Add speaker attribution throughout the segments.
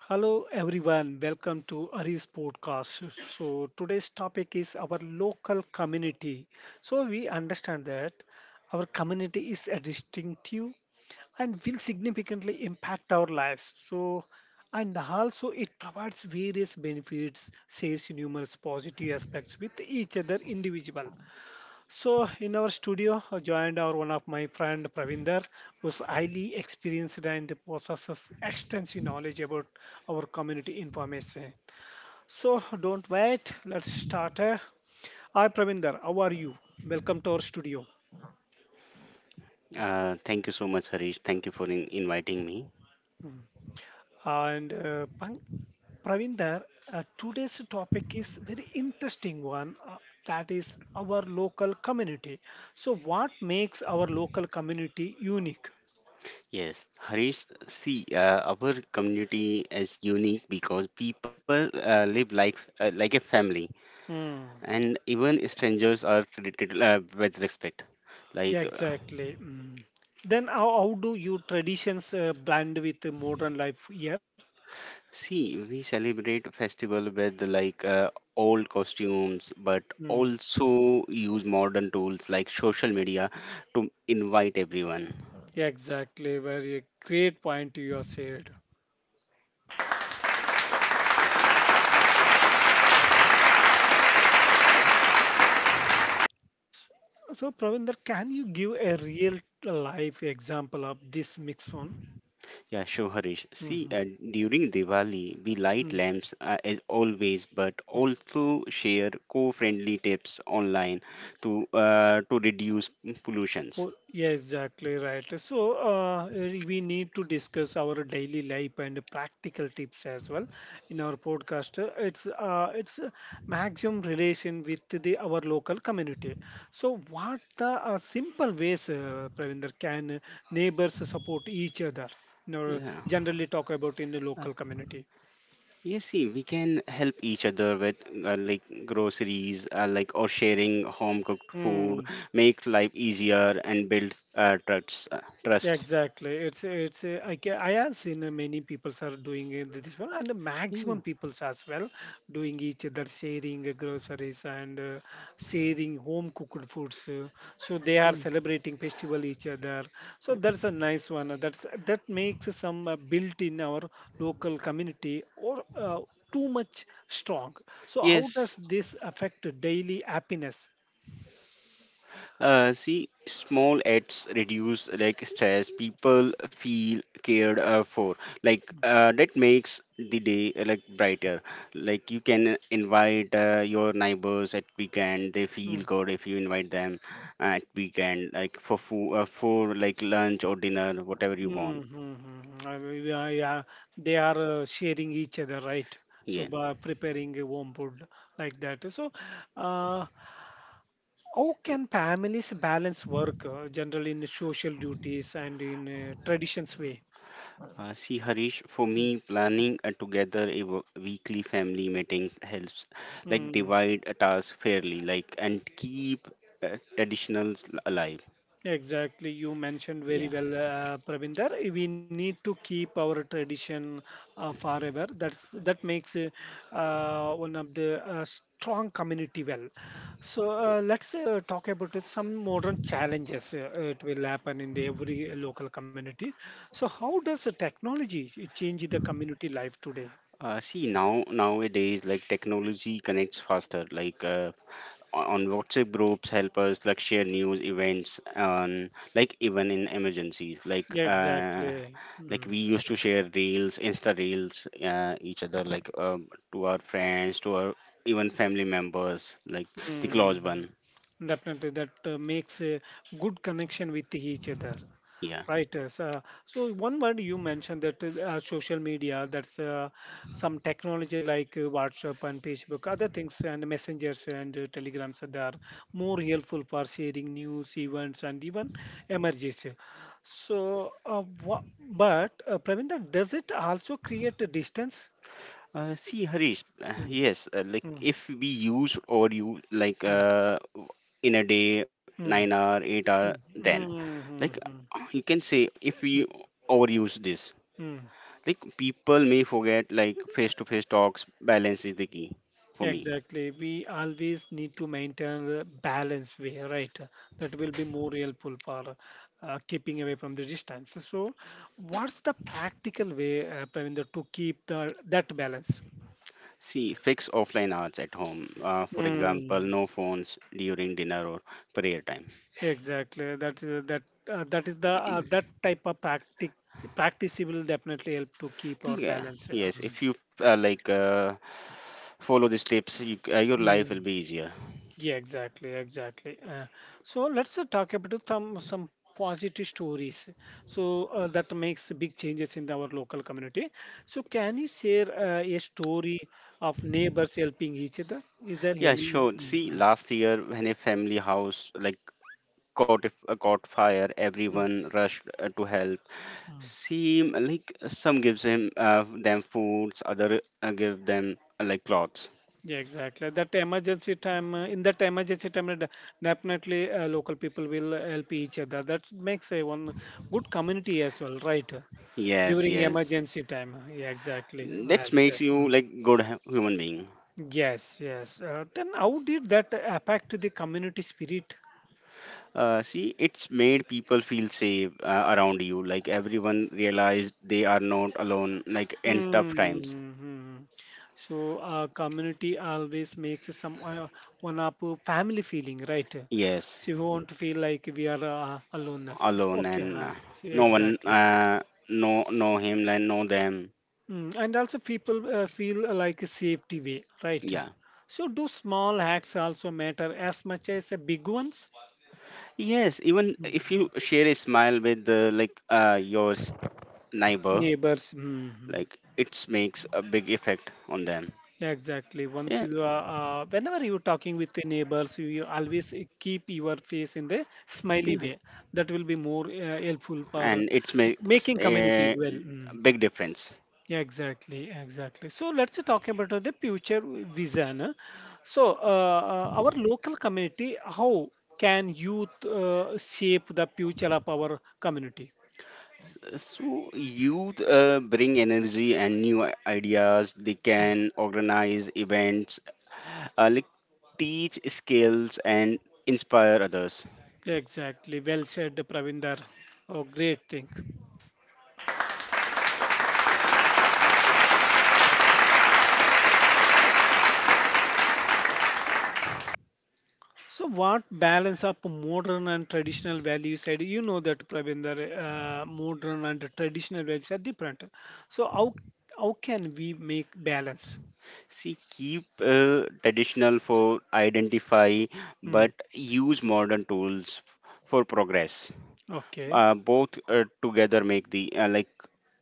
Speaker 1: Hello everyone, welcome to Ari's podcast. So today's topic is our local community. So we understand that our community is a distinctive and will significantly impact our lives. So and also it provides various benefits, shares numerous positive aspects with each other individual. So in our studio joined our one of my friend Pravinder, who's highly experienced and possesses extensive knowledge about our community information. So don't wait, let's start. Hi Pravinder, how are you? Welcome to our studio.
Speaker 2: Thank you so much, Harish. Thank you for inviting me.
Speaker 1: And Pravinder, today's topic is very interesting one, that is our local community. So what makes our local community unique?
Speaker 2: Yes, Harish, see, our community is unique because people live like a family,
Speaker 1: Hmm.
Speaker 2: and even strangers are treated with respect.
Speaker 1: Yeah,
Speaker 2: Like,
Speaker 1: exactly. Mm. Then how do your traditions blend with the modern life here?
Speaker 2: see, we celebrate festival with like old costumes, but
Speaker 1: Mm.
Speaker 2: also use modern tools like social media to invite everyone.
Speaker 1: Yeah, exactly. Very great point you have shared. So, Pravinder, can you give a real life example of this mix one?
Speaker 2: Yeah, sure, Harish. See,
Speaker 1: Mm-hmm.
Speaker 2: during Diwali, we light
Speaker 1: Mm-hmm.
Speaker 2: lamps as always, but also share co-friendly tips online to to reduce pollutions.
Speaker 1: Well, yeah, exactly right. So we need to discuss our daily life and practical tips as well in our podcast. It's a maximum relation with the our local community. So what the simple ways, Pravinder, can neighbors support each other? You know,
Speaker 2: Yeah.
Speaker 1: generally talk about in the
Speaker 2: Uh,
Speaker 1: local community.
Speaker 2: yes, see, we can help each other with like groceries, like or sharing home cooked food
Speaker 1: Hmm.
Speaker 2: makes life easier and builds
Speaker 1: Yeah,
Speaker 2: trust.
Speaker 1: exactly. It's I have seen many people's are doing it this one, and the
Speaker 2: Yeah.
Speaker 1: maximum peoples as well doing each other sharing groceries and sharing home cooked foods. So they are
Speaker 2: Yeah.
Speaker 1: celebrating festival each other. So that's a nice one. That makes some built in our local community or too much strong. So how does
Speaker 2: Yes.
Speaker 1: this affect daily happiness?
Speaker 2: See, small acts reduce like stress. People feel cared for. Like that makes the day like brighter. Like you can invite your neighbors at weekend. They feel
Speaker 1: Hmm.
Speaker 2: good if you invite them at weekend, like for food, for like lunch or dinner, whatever you want.
Speaker 1: Mm-hmm. Yeah, yeah, they are sharing each other, right? So
Speaker 2: Yeah.
Speaker 1: by preparing a warm food like that. So, uh, how can families balance work generally in social duties and in traditions way?
Speaker 2: See, Harish, for me, planning together a weekly family meeting helps, like
Speaker 1: Mm-hmm.
Speaker 2: divide a task fairly, like and keep traditionals alive.
Speaker 1: Exactly, you mentioned very
Speaker 2: Yeah.
Speaker 1: well, Pravinder. We need to keep our tradition forever. That makes one of the strong community well. So let's talk about it, some modern challenges. It will happen in the every local community. So how does the technology change the community life today?
Speaker 2: See, nowadays, like technology connects faster. Like on WhatsApp groups, help us like share news events on, like even in emergencies.
Speaker 1: Exactly.
Speaker 2: Like
Speaker 1: Mm.
Speaker 2: we used to share reels insta reels each other like to our friends to our even family members like the
Speaker 1: Mm.
Speaker 2: close one.
Speaker 1: Definitely, that makes a good connection with each other.
Speaker 2: Yeah.
Speaker 1: Right. Yes, so one word you mentioned that is, social media, that's some technology like WhatsApp and Facebook, other things and messengers and telegrams that are more helpful for sharing news, events, and even emergency. So, but Pravinda, does it also create a distance?
Speaker 2: See harish,
Speaker 1: Mm,
Speaker 2: yes, like
Speaker 1: mm,
Speaker 2: if we use or you like
Speaker 1: mm,
Speaker 2: in a day 9
Speaker 1: mm,
Speaker 2: hour 8 hour
Speaker 1: mm,
Speaker 2: then
Speaker 1: mm,
Speaker 2: like
Speaker 1: mm, mm,
Speaker 2: you can say, if we
Speaker 1: mm,
Speaker 2: overuse this,
Speaker 1: mm.
Speaker 2: like people may forget like face to face talks. Balance is the key for me.
Speaker 1: Exactly. We always need to maintain a balance way, right? That will be more helpful for keeping away from the distance. So, what's the practical way, Pravinder, to keep the that balance?
Speaker 2: See, fix offline hours at home. For example,
Speaker 1: Mm,
Speaker 2: no phones during dinner or prayer time.
Speaker 1: exactly. That that is the that type of practice will definitely help to keep our
Speaker 2: Like, yeah,
Speaker 1: balance.
Speaker 2: yes,
Speaker 1: Um,
Speaker 2: if you follow these tips, your life
Speaker 1: mm.
Speaker 2: will be easier.
Speaker 1: Yeah, exactly, exactly. So let's talk about some positive stories. So that makes big changes in our local community. So can you share a story of neighbors helping each other? Is there
Speaker 2: Yeah,
Speaker 1: any?
Speaker 2: sure.
Speaker 1: Mm,
Speaker 2: See,
Speaker 1: mm,
Speaker 2: last year when a family house like caught if, caught fire,
Speaker 1: mm,
Speaker 2: everyone rushed to help.
Speaker 1: mm.
Speaker 2: See, like some gives him them foods, other give them like clothes.
Speaker 1: Yeah, exactly. That emergency time, in that emergency time, definitely local people will help each other. That makes a one good community as well, right?
Speaker 2: Yes,
Speaker 1: During
Speaker 2: yes.
Speaker 1: emergency time. Yeah, exactly.
Speaker 2: That
Speaker 1: Well
Speaker 2: makes
Speaker 1: said.
Speaker 2: you
Speaker 1: Mm.
Speaker 2: like good human being.
Speaker 1: Yes, yes. Then how did that affect the community spirit?
Speaker 2: See, it's made people feel safe around you. Like everyone realized they are not alone, like in tough times.
Speaker 1: Mm-hmm. So, community always makes some one up family feeling, right?
Speaker 2: Yes,
Speaker 1: So you won't feel like we are alone as such.
Speaker 2: alone,
Speaker 1: Okay,
Speaker 2: and
Speaker 1: I see
Speaker 2: no
Speaker 1: exactly
Speaker 2: one
Speaker 1: said.
Speaker 2: know him and know them.
Speaker 1: Mm, and also people feel like a safety way, right?
Speaker 2: Yeah.
Speaker 1: So do small acts also matter as much as the big ones?
Speaker 2: Yes, even if
Speaker 1: Mm.
Speaker 2: you share a smile with your neighbor,
Speaker 1: Neighbors. Mhm.
Speaker 2: like it makes a big effect on them.
Speaker 1: Yeah, exactly.
Speaker 2: Yeah,
Speaker 1: Whenever you're talking with the neighbors, you always keep your face in the smiley
Speaker 2: yeah,
Speaker 1: way. That will be more helpful for
Speaker 2: and it makes
Speaker 1: making community
Speaker 2: a
Speaker 1: well. Mm.
Speaker 2: big difference.
Speaker 1: Yeah, exactly, exactly. So let's talk about the future vision. So our local community, how can youth shape the future of our community?
Speaker 2: So youth bring energy and new ideas. They can organize events, like teach skills and inspire others.
Speaker 1: Exactly. Well said, Pravinder. Oh, great thing. So what balance of modern and traditional values said you know that Prabinder modern and traditional values are different. So how can we make balance?
Speaker 2: See, keep traditional for identify,
Speaker 1: Mm,
Speaker 2: but use modern tools for progress.
Speaker 1: okay.
Speaker 2: Both together make the like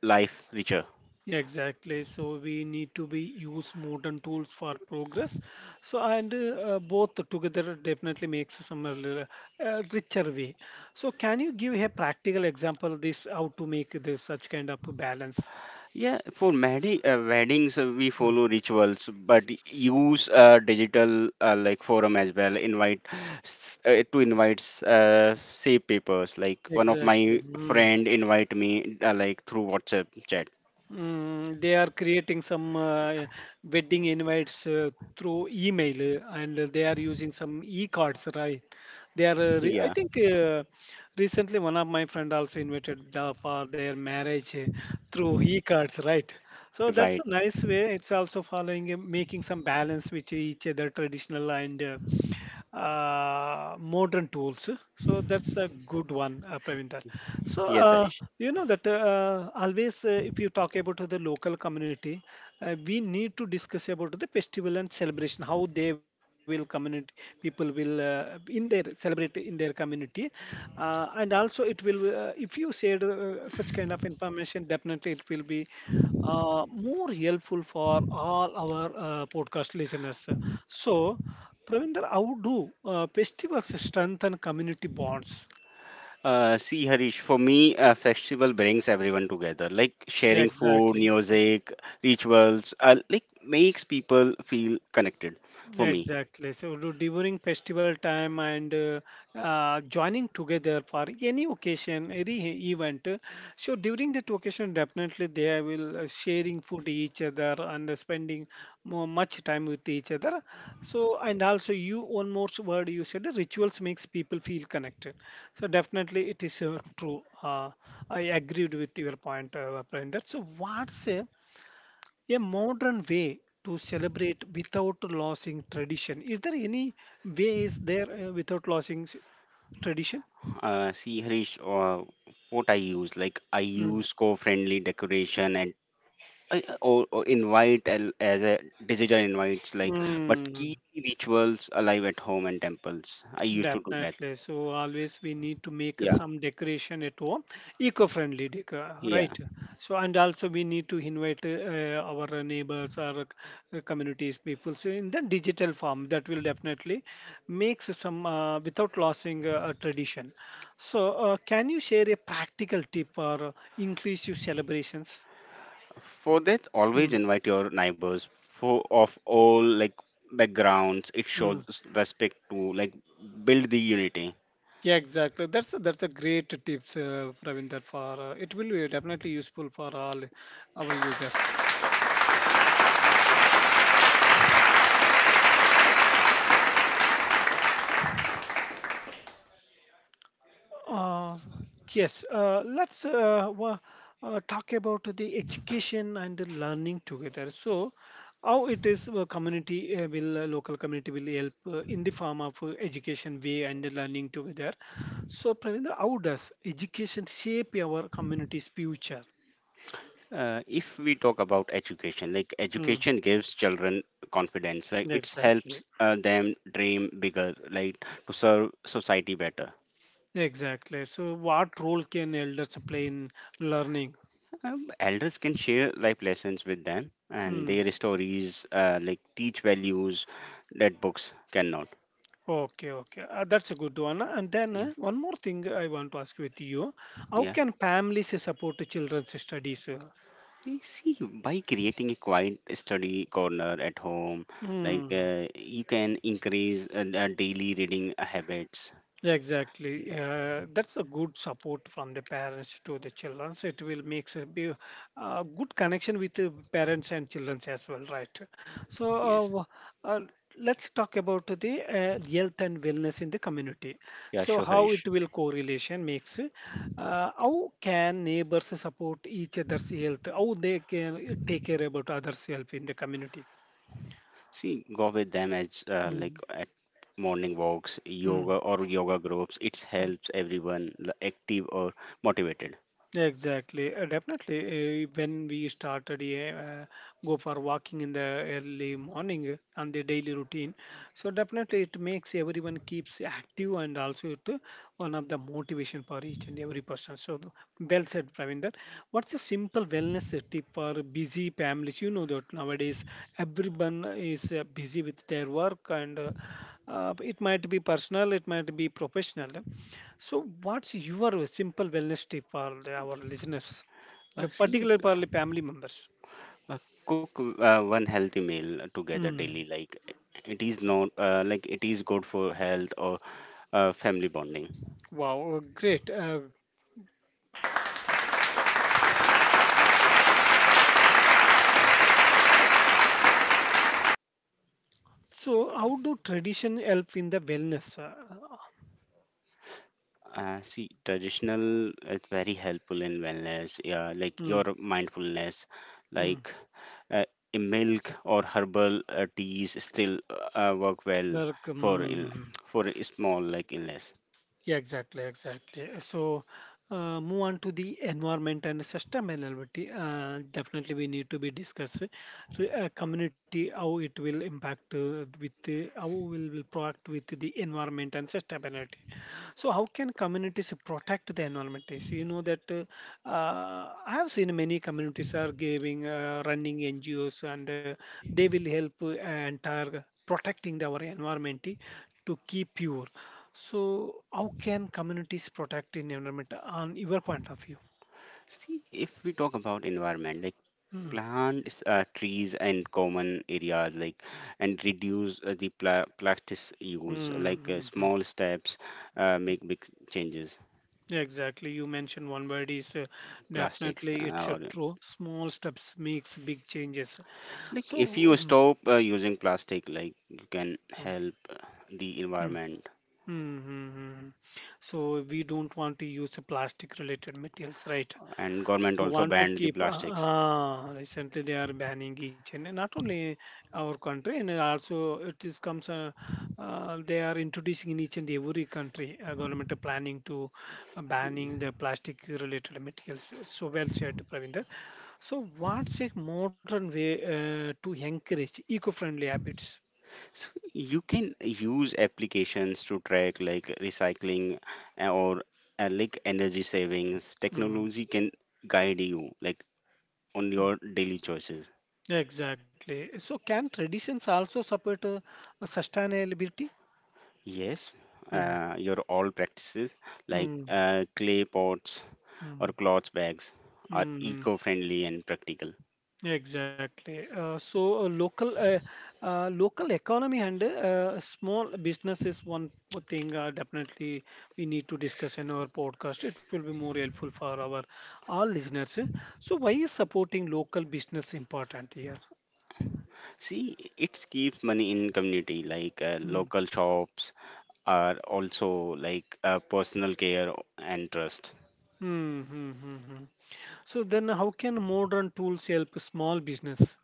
Speaker 2: life richer.
Speaker 1: Yeah, exactly. So we need to be use modern tools for progress. So and both together definitely makes some a little, richer way. So can you give a practical example this how to make this such kind of balance?
Speaker 2: Yeah, for many weddings we
Speaker 1: Mm,
Speaker 2: follow rituals, but use digital like forum as well. Invite to invite save papers. Like one of
Speaker 1: exactly.
Speaker 2: my
Speaker 1: Mm.
Speaker 2: friend invite me like through WhatsApp chat.
Speaker 1: Mm, they are creating some wedding invites through email and they are using some e-cards, right? They are,
Speaker 2: Yeah,
Speaker 1: I think recently one of my friend also invited for their marriage through e-cards, right? So
Speaker 2: right.
Speaker 1: that's a nice way. It's also following, making some balance with each other traditional and modern tools. So that's a good one, Pravintal. So
Speaker 2: Yes, Harish.
Speaker 1: you know that always, if you talk about the local community, we need to discuss about the festival and celebration, how they will community people will in their celebrate in their community, and also it will if you share such kind of information, definitely it will be more helpful for all our podcast listeners. So Pravinder, how do festivals strengthen community bonds?
Speaker 2: See, Harish, for me, a festival brings everyone together. Like
Speaker 1: Yeah,
Speaker 2: sharing food,
Speaker 1: exactly.
Speaker 2: music, rituals, like makes people feel connected. For me,
Speaker 1: Exactly. So during festival time and joining together for any occasion, any event. So during that occasion, definitely they will sharing food each other and spending more much time with each other. So and also you one more word you said rituals makes people feel connected. So definitely it is true. I agreed with your point, Pravinder. So what's a modern way to celebrate without losing tradition. Is there any way is there without losing tradition?
Speaker 2: See, Harish, what I use, like I
Speaker 1: Mm.
Speaker 2: use co-friendly decoration and or invite as a digital invites, like but
Speaker 1: Mm.
Speaker 2: keep rituals alive at home and temples. I used to do that.
Speaker 1: Definitely. So always we need to make
Speaker 2: Yeah,
Speaker 1: some decoration at home, eco-friendly decor,
Speaker 2: yeah.
Speaker 1: right? So and also we need to invite our neighbors or communities people. So in the digital form, that will definitely makes some without losing a tradition. So can you share a practical tip for inclusive celebrations?
Speaker 2: For that, always
Speaker 1: Mm,
Speaker 2: invite your neighbors for of all like backgrounds. It shows
Speaker 1: mm.
Speaker 2: respect to like build the unity.
Speaker 1: Yeah, exactly. That's a great tips, Pravinder. For it will be definitely useful for all our users. Uh, yes. Let's talk about the education and the learning together. So, how it is community will local community will help in the form of education way and the learning together. So, Pravinder, how does education shape our community's future?
Speaker 2: If we talk about education, like
Speaker 1: Mm,
Speaker 2: education gives children confidence. Like it
Speaker 1: exactly.
Speaker 2: helps them dream bigger like to serve society better.
Speaker 1: Exactly. So, what role can elders play in learning?
Speaker 2: Elders can share life lessons with them and
Speaker 1: Hmm.
Speaker 2: their stories, like teach values that books cannot.
Speaker 1: Okay, okay. That's a good one. And then
Speaker 2: Yeah.
Speaker 1: one more thing I want to ask with you. How
Speaker 2: Yeah,
Speaker 1: can families support children's studies?
Speaker 2: you see, by creating a quiet study corner at home, like
Speaker 1: Hmm.
Speaker 2: you can increase the daily reading habits.
Speaker 1: Yeah, exactly. That's a good support from the parents to the children. So it will make a good connection with the parents and children as well, right? So,
Speaker 2: Yes.
Speaker 1: uh, let's talk about the health and wellness in the community.
Speaker 2: Yeah,
Speaker 1: So,
Speaker 2: sure,
Speaker 1: how
Speaker 2: Harish.
Speaker 1: it will correlation makes. How can neighbors support each other's health? How they can take care about others' health in the community?
Speaker 2: See, go with them as like
Speaker 1: Mm-hmm.
Speaker 2: at morning walks, yoga or yoga groups. It helps everyone active or motivated.
Speaker 1: Exactly, definitely. When we started, yeah, go for walking in the early morning and the daily routine. So definitely, it makes everyone keeps active and also it one of the motivation for each and every person. So well said, Pravinder. What's a simple wellness tip for busy families? You know that nowadays everyone is busy with their work and. It might be personal, it might be professional. So, what's your simple wellness tip for our listeners,
Speaker 2: Uh, see,
Speaker 1: particularly for the family members?
Speaker 2: uh, uh, cook one healthy meal together
Speaker 1: Hmm.
Speaker 2: daily. Like it is not like it is good for health or family bonding.
Speaker 1: Wow, great. So, how do tradition help in the wellness?
Speaker 2: See, traditional is very helpful in wellness, yeah, like
Speaker 1: Hmm.
Speaker 2: your mindfulness,
Speaker 1: Hmm.
Speaker 2: like uh, a milk or herbal teas still work well
Speaker 1: Like,
Speaker 2: for ill,
Speaker 1: hmm.
Speaker 2: for a small like illness.
Speaker 1: Yeah, exactly, exactly. So, move on to the environment and sustainability. Definitely, we need to be discussed. So, community, how it will impact with how will proact with the environment and sustainability. So how can communities protect the environment? Is You know that I have seen many communities are giving, running NGOs, and they will help entire protecting our environment to keep pure. So how can communities protect in environment on your point of view?
Speaker 2: See, if we talk about environment, like
Speaker 1: Hmm.
Speaker 2: plants, trees, and common areas, like and reduce the plastics use,
Speaker 1: Mm,
Speaker 2: like
Speaker 1: hmm. Mm.
Speaker 2: small steps make big changes.
Speaker 1: Exactly. You mentioned one word is
Speaker 2: Plastics
Speaker 1: definitely it's
Speaker 2: or
Speaker 1: true. Small steps makes big changes.
Speaker 2: Like if you
Speaker 1: So, hmm,
Speaker 2: stop using plastic, like you can
Speaker 1: hmm,
Speaker 2: help the
Speaker 1: hmm.
Speaker 2: environment,
Speaker 1: Mm-hmm. So we don't want to use plastic related materials, right?
Speaker 2: and government
Speaker 1: So
Speaker 2: also
Speaker 1: want to
Speaker 2: banned the
Speaker 1: keep.
Speaker 2: plastics.
Speaker 1: Recently, they are banning each and not only our country, and also it is comes. They are introducing in each and every country. Government are planning to banning the plastic related materials. So well said, Pravinder. So what's a modern way to encourage eco-friendly habits?
Speaker 2: So you can use applications to track like recycling or like energy savings.
Speaker 1: Mm.
Speaker 2: Technology can guide you like on your daily choices.
Speaker 1: Exactly. So can traditions also support sustainability?
Speaker 2: Yes,
Speaker 1: Mm,
Speaker 2: your all practices like
Speaker 1: mm,
Speaker 2: clay pots or
Speaker 1: mm,
Speaker 2: cloth bags are
Speaker 1: mm.
Speaker 2: eco-friendly and practical.
Speaker 1: Exactly. So local local economy and small business is thing definitely we need to discuss in our podcast. It will be more helpful for our all listeners. So why is supporting local business important here?
Speaker 2: See, it keeps money in community. Like
Speaker 1: Mm.
Speaker 2: local shops are also like personal care and trust.
Speaker 1: Mm-hmm. So then how can modern tools help small business?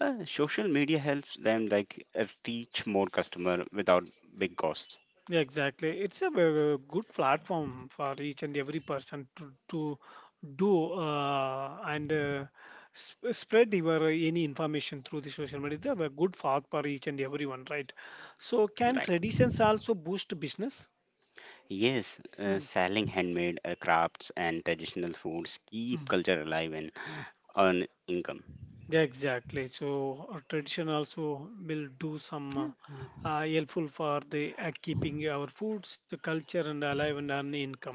Speaker 2: Social media helps them like reach more customer without big costs.
Speaker 1: Yeah, exactly. It's a very good platform for each and every person to do and spread your any information through the social media. It's a good path for each and everyone, right? So, can
Speaker 2: Right.
Speaker 1: traditions also boost business?
Speaker 2: Yes,
Speaker 1: Hmm.
Speaker 2: selling handmade crafts and traditional foods keep
Speaker 1: Mm.
Speaker 2: culture alive and earn income.
Speaker 1: Yeah, exactly. So our tradition also will do some
Speaker 2: Yeah.
Speaker 1: helpful for the keeping our foods, culture, and alive and earn income.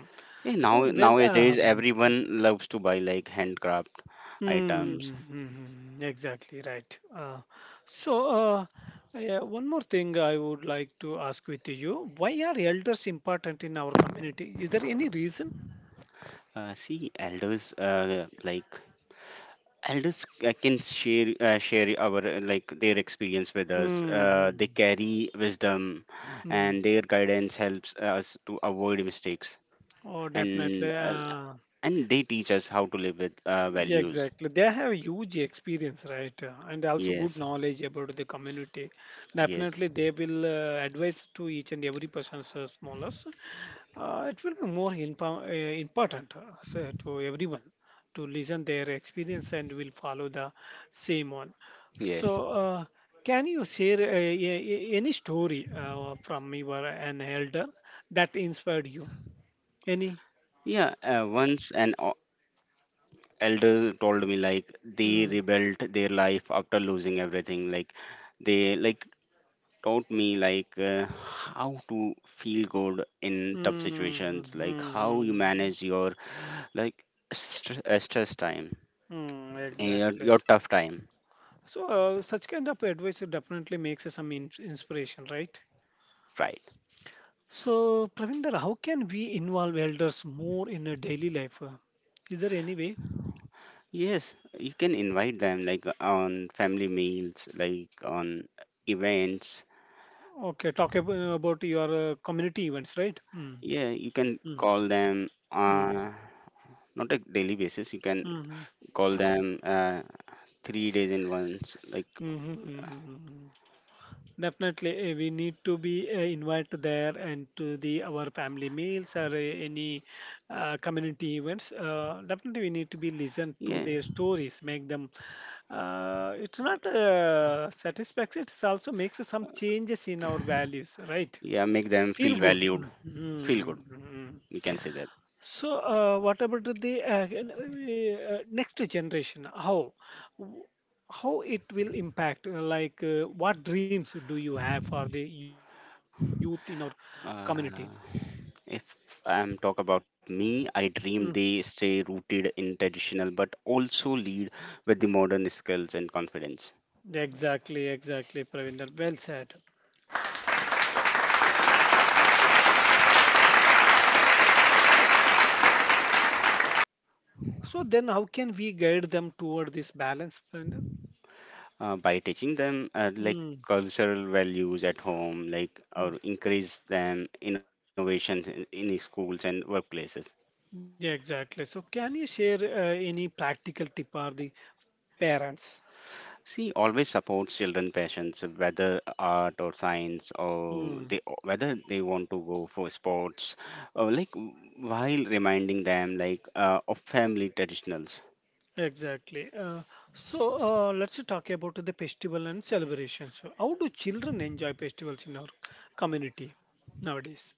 Speaker 2: Yeah,
Speaker 1: So well, uh,
Speaker 2: nowadays everyone loves to buy like handcraft items.
Speaker 1: Mm-hmm, exactly right. So, uh, yeah, one more thing I would like to ask with you. Why are elders important in our community? Is there any reason?
Speaker 2: See, elders like elders can share our like their experience with us.
Speaker 1: Mm-hmm.
Speaker 2: They carry wisdom
Speaker 1: Mm.
Speaker 2: and their guidance helps us to avoid mistakes,
Speaker 1: Oh,
Speaker 2: and
Speaker 1: definitely.
Speaker 2: uh, and they teach us how to live with
Speaker 1: Yeah,
Speaker 2: values.
Speaker 1: exactly. They have huge experience, right? And also good
Speaker 2: Yes,
Speaker 1: knowledge about the community.
Speaker 2: yes,
Speaker 1: Definitely, they will advise to each and every person, so smallest. It will be important so to everyone to listen their experience and will follow the same one so
Speaker 2: yes.
Speaker 1: uh, can you share any story from your an elder that inspired you any
Speaker 2: Yeah, once an elder told me like they
Speaker 1: mm,
Speaker 2: rebuilt their life after losing everything. Like they like taught me like how to feel good in
Speaker 1: mm,
Speaker 2: tough
Speaker 1: mm,
Speaker 2: situations, like
Speaker 1: mm,
Speaker 2: how you
Speaker 1: mm,
Speaker 2: manage your like stress time,
Speaker 1: mm, exactly
Speaker 2: your tough time,
Speaker 1: so such kind of advice definitely makes some inspiration, right?
Speaker 2: right?
Speaker 1: So, Pravinder, how can we involve elders more in a daily life? Is there any way?
Speaker 2: Yes, you can invite them like on family meals, like on events.
Speaker 1: Okay, talk about your community events, right? Mm,
Speaker 2: Yeah, you can
Speaker 1: mm,
Speaker 2: call them
Speaker 1: mm,
Speaker 2: not a daily basis. You can
Speaker 1: mhm,
Speaker 2: call them 3 days in once, like.
Speaker 1: mhm, mhm, mhm. Mhm. Definitely, we need to be invited there and to the our family meals or any community events. Definitely, we need to be listened to
Speaker 2: Yeah,
Speaker 1: their stories, make them. It's not satisfaction; it also makes some changes in our values, right?
Speaker 2: yeah, make them
Speaker 1: Feel
Speaker 2: feel
Speaker 1: good.
Speaker 2: valued,
Speaker 1: Mm,
Speaker 2: feel
Speaker 1: mm,
Speaker 2: good,
Speaker 1: mm,
Speaker 2: we
Speaker 1: mm.
Speaker 2: can say that.
Speaker 1: So, what about the next generation? How w- how it will impact? Uh, like, what dreams do you have for the youth in our community?
Speaker 2: uh If I'm talk about me, I dream
Speaker 1: Mm,
Speaker 2: they stay rooted in traditional but also lead with the modern skills and confidence.
Speaker 1: exactly, exactly, Pravinder. Well said. So then, how can we guide them toward this balance, Pravinder?
Speaker 2: By teaching them like
Speaker 1: Mm,
Speaker 2: cultural values at home, like or
Speaker 1: mm.
Speaker 2: increase them innovations in schools and workplaces.
Speaker 1: Yeah, exactly. So, can you share any practical tip for the parents?
Speaker 2: See, always supports children passions, whether art or science or they
Speaker 1: Mm.
Speaker 2: whether they want to go for sports, or like while reminding them like of family traditionals.
Speaker 1: Exactly. So let's talk about the festival and celebrations. So how do children enjoy festivals in our community nowadays?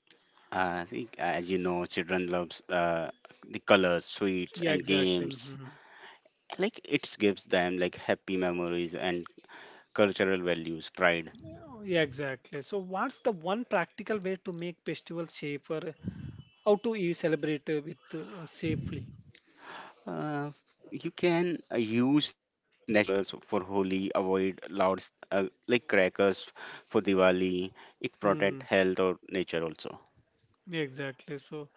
Speaker 2: I think, as you know, children loves the colors, sweets,
Speaker 1: Yeah,
Speaker 2: and
Speaker 1: exactly.
Speaker 2: games.
Speaker 1: Mhm.
Speaker 2: Like it gives them like happy memories and cultural values, pride.
Speaker 1: Yeah, exactly. So what's the one practical way to make festivals safer? How to celebrate with safely?
Speaker 2: Uh, you can use natural colors for Holi. Avoid loud, like crackers for Diwali. It
Speaker 1: Mm,
Speaker 2: protect health or nature also.
Speaker 1: exactly. So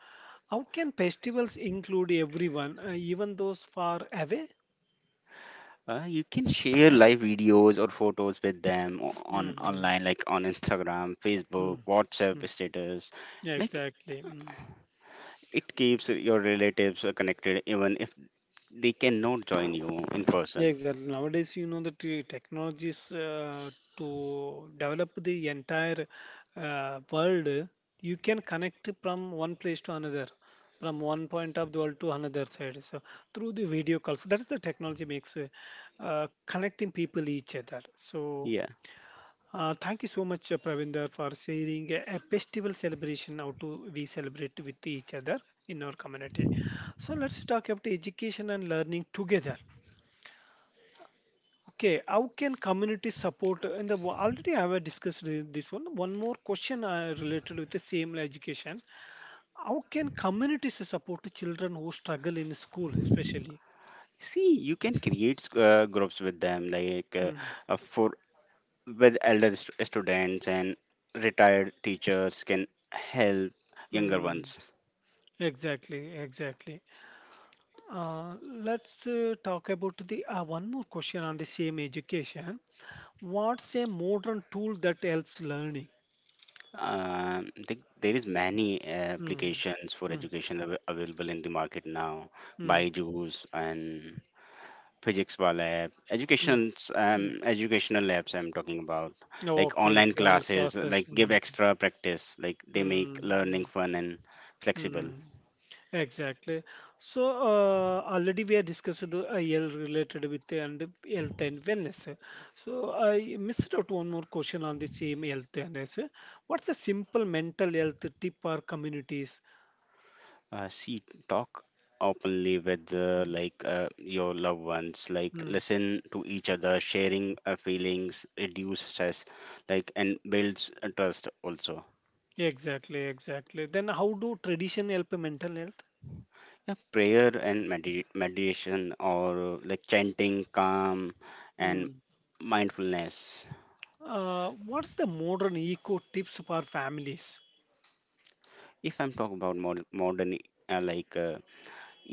Speaker 1: how can festivals include everyone, even those far away?
Speaker 2: You can share live videos or photos with them on
Speaker 1: Mm-hmm.
Speaker 2: online, like on Instagram, Facebook,
Speaker 1: Mm, mm.
Speaker 2: WhatsApp status. Like
Speaker 1: Exactly. Mm.
Speaker 2: it keeps your relatives connected even if they cannot join you in
Speaker 1: Yeah,
Speaker 2: person.
Speaker 1: exactly. Nowadays, you know, the technologies to develop the entire world, you can connect from one place to another, from one point of the world to another side. So through the video calls, so that's the technology makes connecting people each other. So
Speaker 2: Yeah.
Speaker 1: thank you so much, Pravinder, for sharing a festival celebration how to we celebrate with each other in our community. So let's talk about education and learning together. Okay, how can community support in the already I have discussed this one. One more question related with the same education. How can communities support children who struggle in school, especially?
Speaker 2: See, you can create groups with them, like
Speaker 1: Hmm.
Speaker 2: for with elder students and retired teachers can help younger
Speaker 1: Hmm.
Speaker 2: ones.
Speaker 1: Exactly, exactly. Uh, let's talk about the one more question on the same education. What's a modern tool that helps learning?
Speaker 2: There is many
Speaker 1: Hmm.
Speaker 2: applications for
Speaker 1: Hmm.
Speaker 2: education available in the market now,
Speaker 1: Hmm.
Speaker 2: Byju's and physics bar lab
Speaker 1: Hmm.
Speaker 2: educations,
Speaker 1: Hmm.
Speaker 2: educational labs I'm talking about. Like
Speaker 1: Okay,
Speaker 2: online
Speaker 1: okay, on
Speaker 2: classes
Speaker 1: classes.
Speaker 2: like give
Speaker 1: Hmm.
Speaker 2: extra practice, like they make
Speaker 1: Hmm.
Speaker 2: learning
Speaker 1: Hmm.
Speaker 2: fun and flexible.
Speaker 1: Hmm, exactly. So already we are discussed the health related with the and health and wellness. So I missed out one more question on the same health and wellness. What's a simple mental health tip for communities?
Speaker 2: See, talk openly with your loved ones. Like
Speaker 1: Mm,
Speaker 2: listen to each other, sharing feelings reduce stress, like, and builds trust also.
Speaker 1: exactly, exactly. Then how do tradition help mental health?
Speaker 2: Yeah, prayer and meditation or like chanting calm and
Speaker 1: Hmm.
Speaker 2: mindfulness.
Speaker 1: What's the modern eco tips for families?
Speaker 2: If I'm talking about modern uh, like uh,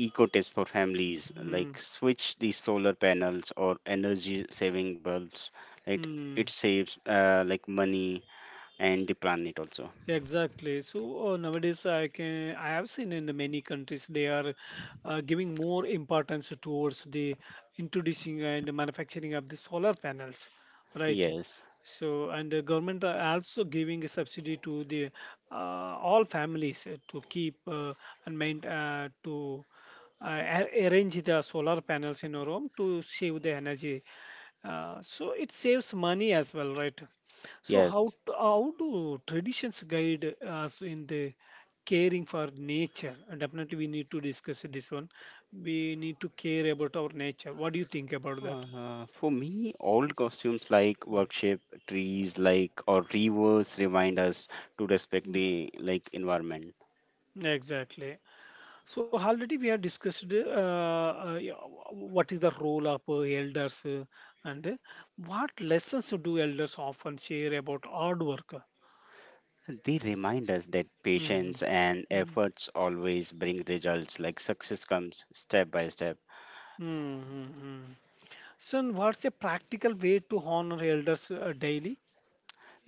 Speaker 2: eco tips for families,
Speaker 1: Hmm.
Speaker 2: like switch the solar panels or energy saving bulbs, right?
Speaker 1: Hmm.
Speaker 2: It saves like money and the planet also.
Speaker 1: Exactly. So nowadays, I can I have seen in the many countries they are giving more importance towards the introducing and manufacturing of the solar panels, right?
Speaker 2: Yes,
Speaker 1: So and the government are also giving a subsidy to the all families to keep and main to arrange the solar panels in your home to save the energy. So it saves money as well, right? So
Speaker 2: yes.
Speaker 1: how do traditions guide us in the caring for nature? Definitely, we need to discuss this one. We need to care about our nature. What do you think about that?
Speaker 2: For me, old costumes like workshop trees, like or rivers remind us to respect the like environment.
Speaker 1: Exactly. So already we have discussed yeah, what is the role of elders and what lessons do elders often share about hard work.
Speaker 2: They remind us that
Speaker 1: Mm-hmm.
Speaker 2: patience and
Speaker 1: Mm-hmm.
Speaker 2: efforts always bring results. Like success comes step by step.
Speaker 1: Mm-hmm. So what's a practical way to honor elders daily?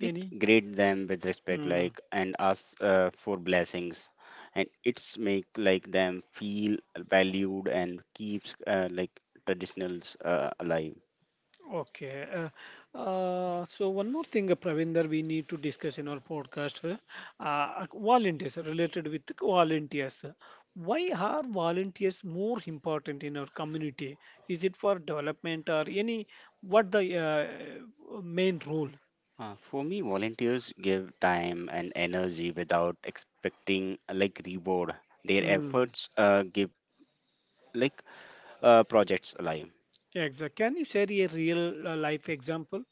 Speaker 2: We greet them with respect,
Speaker 1: Mm,
Speaker 2: like, and ask for blessings, and it's make like them feel valued and keeps like traditionals alive.
Speaker 1: okay. So one more thing, Praveen, that we need to discuss in our podcast, volunteers related with volunteers. Why are volunteers more important in our community? Is it for development or any? What the main role?
Speaker 2: For me, volunteers give time and energy without expecting like reward. Their
Speaker 1: Mm,
Speaker 2: efforts give like projects alive.
Speaker 1: exact. Can you share a real life example?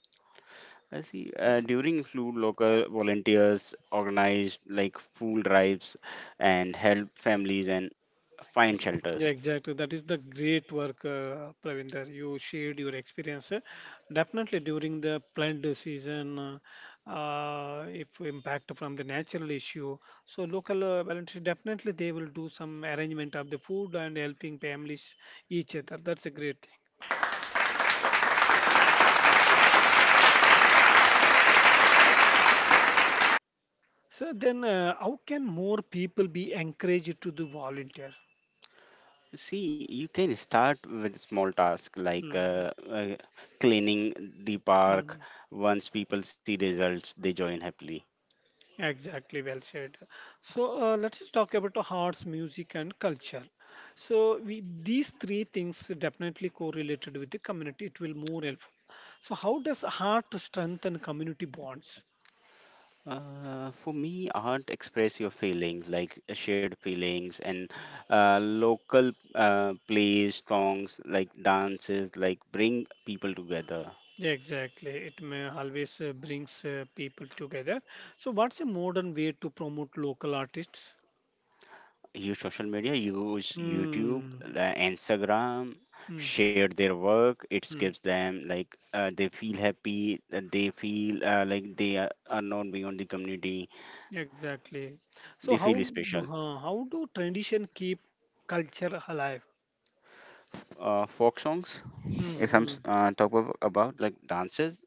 Speaker 2: I see. During flu, local volunteers organized like food drives and help families and find shelters.
Speaker 1: Yeah, exactly. That is the great work, Pravinder. You shared your experience. Uh, definitely during the plant season, if impact from the natural issue. So local voluntary definitely they will do some arrangement of the food and helping families each other. That's a great thing. So then, how can more people be encouraged to do volunteer?
Speaker 2: See, you can start with small tasks like
Speaker 1: Mm,
Speaker 2: cleaning the
Speaker 1: mm.
Speaker 2: park. Once people see results, they join happily.
Speaker 1: Exactly, well said. So let's just talk about the arts, music, and culture. So we, these three things definitely correlated with the community. It will more helpful. So how does art strengthen community bonds?
Speaker 2: For me, art express your feelings, like shared feelings and local plays, songs, like dances, like bring people together.
Speaker 1: Exactly, it may always brings people together. So what's a modern way to promote local artists?
Speaker 2: Use social media, use YouTube,
Speaker 1: Hmm.
Speaker 2: Instagram,
Speaker 1: Hmm.
Speaker 2: share their work. It gives
Speaker 1: Hmm.
Speaker 2: them like they feel happy, they feel like they are known beyond the community,
Speaker 1: Exactly. So
Speaker 2: they feel special.
Speaker 1: how do tradition keep culture alive?
Speaker 2: Folk songs, if I'm
Speaker 1: Mm-hmm.
Speaker 2: s- uh, talk about like dances,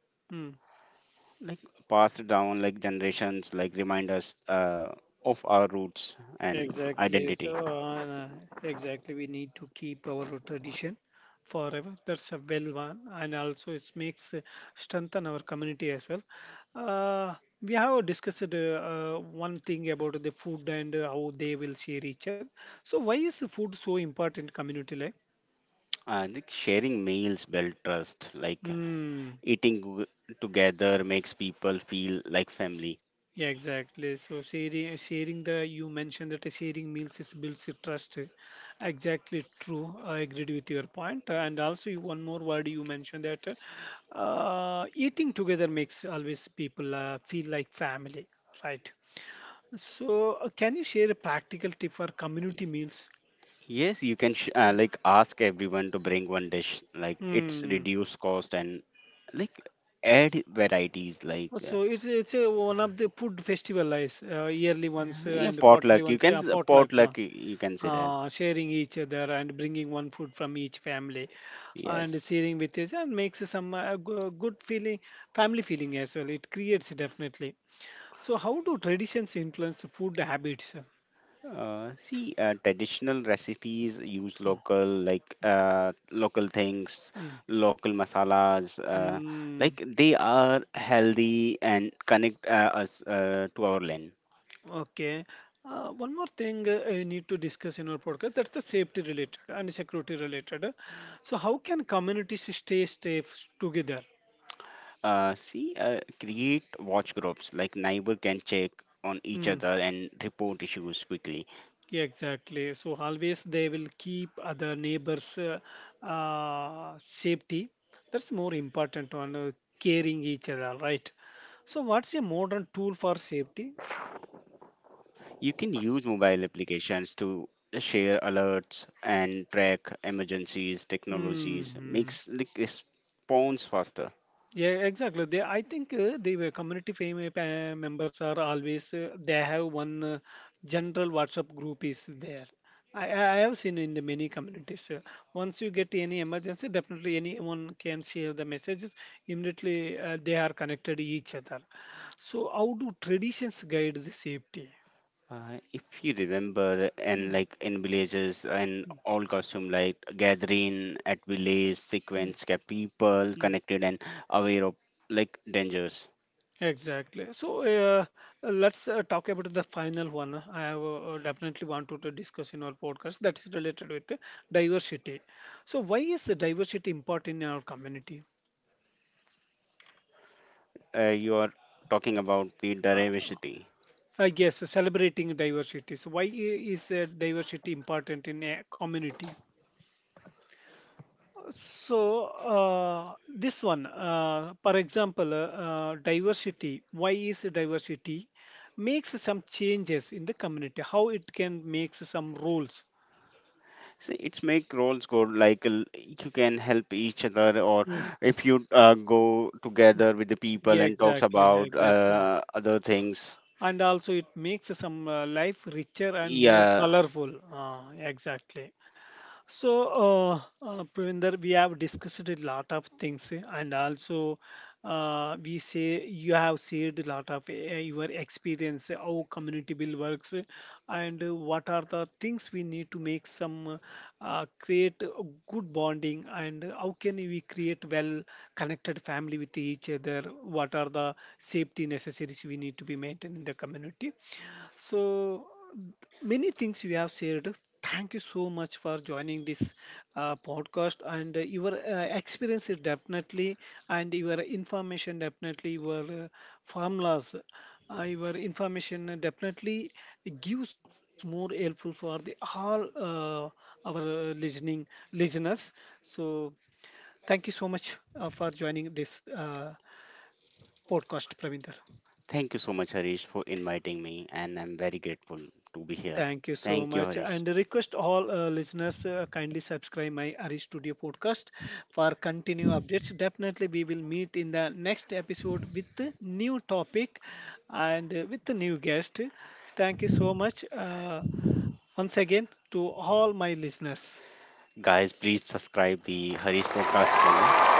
Speaker 2: like passed down like generations, like remind us of our roots and
Speaker 1: Exactly. So,
Speaker 2: identity.
Speaker 1: uh, exactly, we need to keep our tradition forever. That's a well one, and also it makes strengthen our community as well. Uh, we have discussed one thing about the food and how they will share each other. So, why is food so important in community life?
Speaker 2: I think sharing meals build trust, like
Speaker 1: Hmm.
Speaker 2: eating w- together makes people feel like family.
Speaker 1: Yeah, exactly. So sharing, the you mentioned that sharing meals is builds a trust. Exactly true. I agreed with your point. And also one more word you mentioned that eating together makes always people feel like family, right? So can you share a practical tip for community meals?
Speaker 2: Yes, you can like ask everyone to bring one dish. Like it's
Speaker 1: Hmm.
Speaker 2: reduced cost and like add varieties. Like
Speaker 1: So it's a, one of the food festival is yearly ones
Speaker 2: yeah,
Speaker 1: and quarterly
Speaker 2: potluck. You
Speaker 1: ones,
Speaker 2: can
Speaker 1: potluck.
Speaker 2: potluck. You can say that.
Speaker 1: Sharing each other and bringing one food from each family and
Speaker 2: Yes.
Speaker 1: sharing with each and makes some good feeling family feeling as well, it creates definitely. So how do traditions influence food habits?
Speaker 2: See, traditional recipes use
Speaker 1: Oh,
Speaker 2: local like local things,
Speaker 1: mm,
Speaker 2: local masalas.
Speaker 1: mm,
Speaker 2: Like they are healthy and connect us to our land.
Speaker 1: okay. Uh, one more thing I need to discuss in our podcast that's the safety related and security related. So how can communities stay safe together?
Speaker 2: See, create watch groups like neighbor can check on each
Speaker 1: Hmm.
Speaker 2: other and report issues quickly.
Speaker 1: Yeah, exactly. So always they will keep other neighbors' safety. That's more important on caring each other, right? So what's a modern tool for safety?
Speaker 2: You can use mobile applications to share alerts and track emergencies. Technologies
Speaker 1: Hmm.
Speaker 2: makes like response faster.
Speaker 1: Yeah, exactly. They, I think the uh, community members are always they have one general WhatsApp group is there. I have seen in the many communities. Once you get any emergency, definitely anyone can share the messages. Immediately they are connected each other. So how do traditions guide the safety?
Speaker 2: If you remember, and
Speaker 1: Mm,
Speaker 2: like in villages and
Speaker 1: mm,
Speaker 2: all costume like gathering at village
Speaker 1: mm,
Speaker 2: sequence, kept people
Speaker 1: mm.
Speaker 2: connected and aware of like dangers.
Speaker 1: Exactly. So let's talk about the final one. I have definitely want to discuss in our podcast that is related with diversity. So why is the diversity important in our community?
Speaker 2: You are talking about the
Speaker 1: Uh,
Speaker 2: diversity.
Speaker 1: I guess celebrating diversity. So why is diversity important in a community? So this one, for example, diversity. Why is diversity makes some changes in the community? How it can make some rules?
Speaker 2: See, it's make roles go like you can help each other, or
Speaker 1: Hmm.
Speaker 2: if you go together with the people
Speaker 1: Yeah,
Speaker 2: and talks
Speaker 1: exactly,
Speaker 2: about
Speaker 1: exactly.
Speaker 2: other things.
Speaker 1: And also, it makes some life richer and more
Speaker 2: Yeah,
Speaker 1: colorful. Exactly. So, Pravinder, we have discussed a lot of things, eh, and also we say you have shared a lot of your experience, eh, how community build works, eh, and what are the things we need to make some create a good bonding, and how can we create well connected family with each other? What are the safety necessities we need to be maintained in the community? So, many things we have shared. Thank you so much for joining this podcast and uh, your experience is definitely and your information definitely your formulas, your information definitely gives more helpful for the all our listening listeners. So, thank you so much for joining this podcast, Pravinder.
Speaker 2: thank you so much, Harish, for inviting me, and I'm very grateful to be here.
Speaker 1: Thank you so
Speaker 2: Thank you,
Speaker 1: much.
Speaker 2: Harish.
Speaker 1: And request all listeners kindly subscribe my Ari Studio podcast for continue updates. Definitely, we will meet in the next episode with the new topic and with the new guest. Thank you so much once again to all my listeners.
Speaker 2: Guys, please subscribe the Harish podcast channel.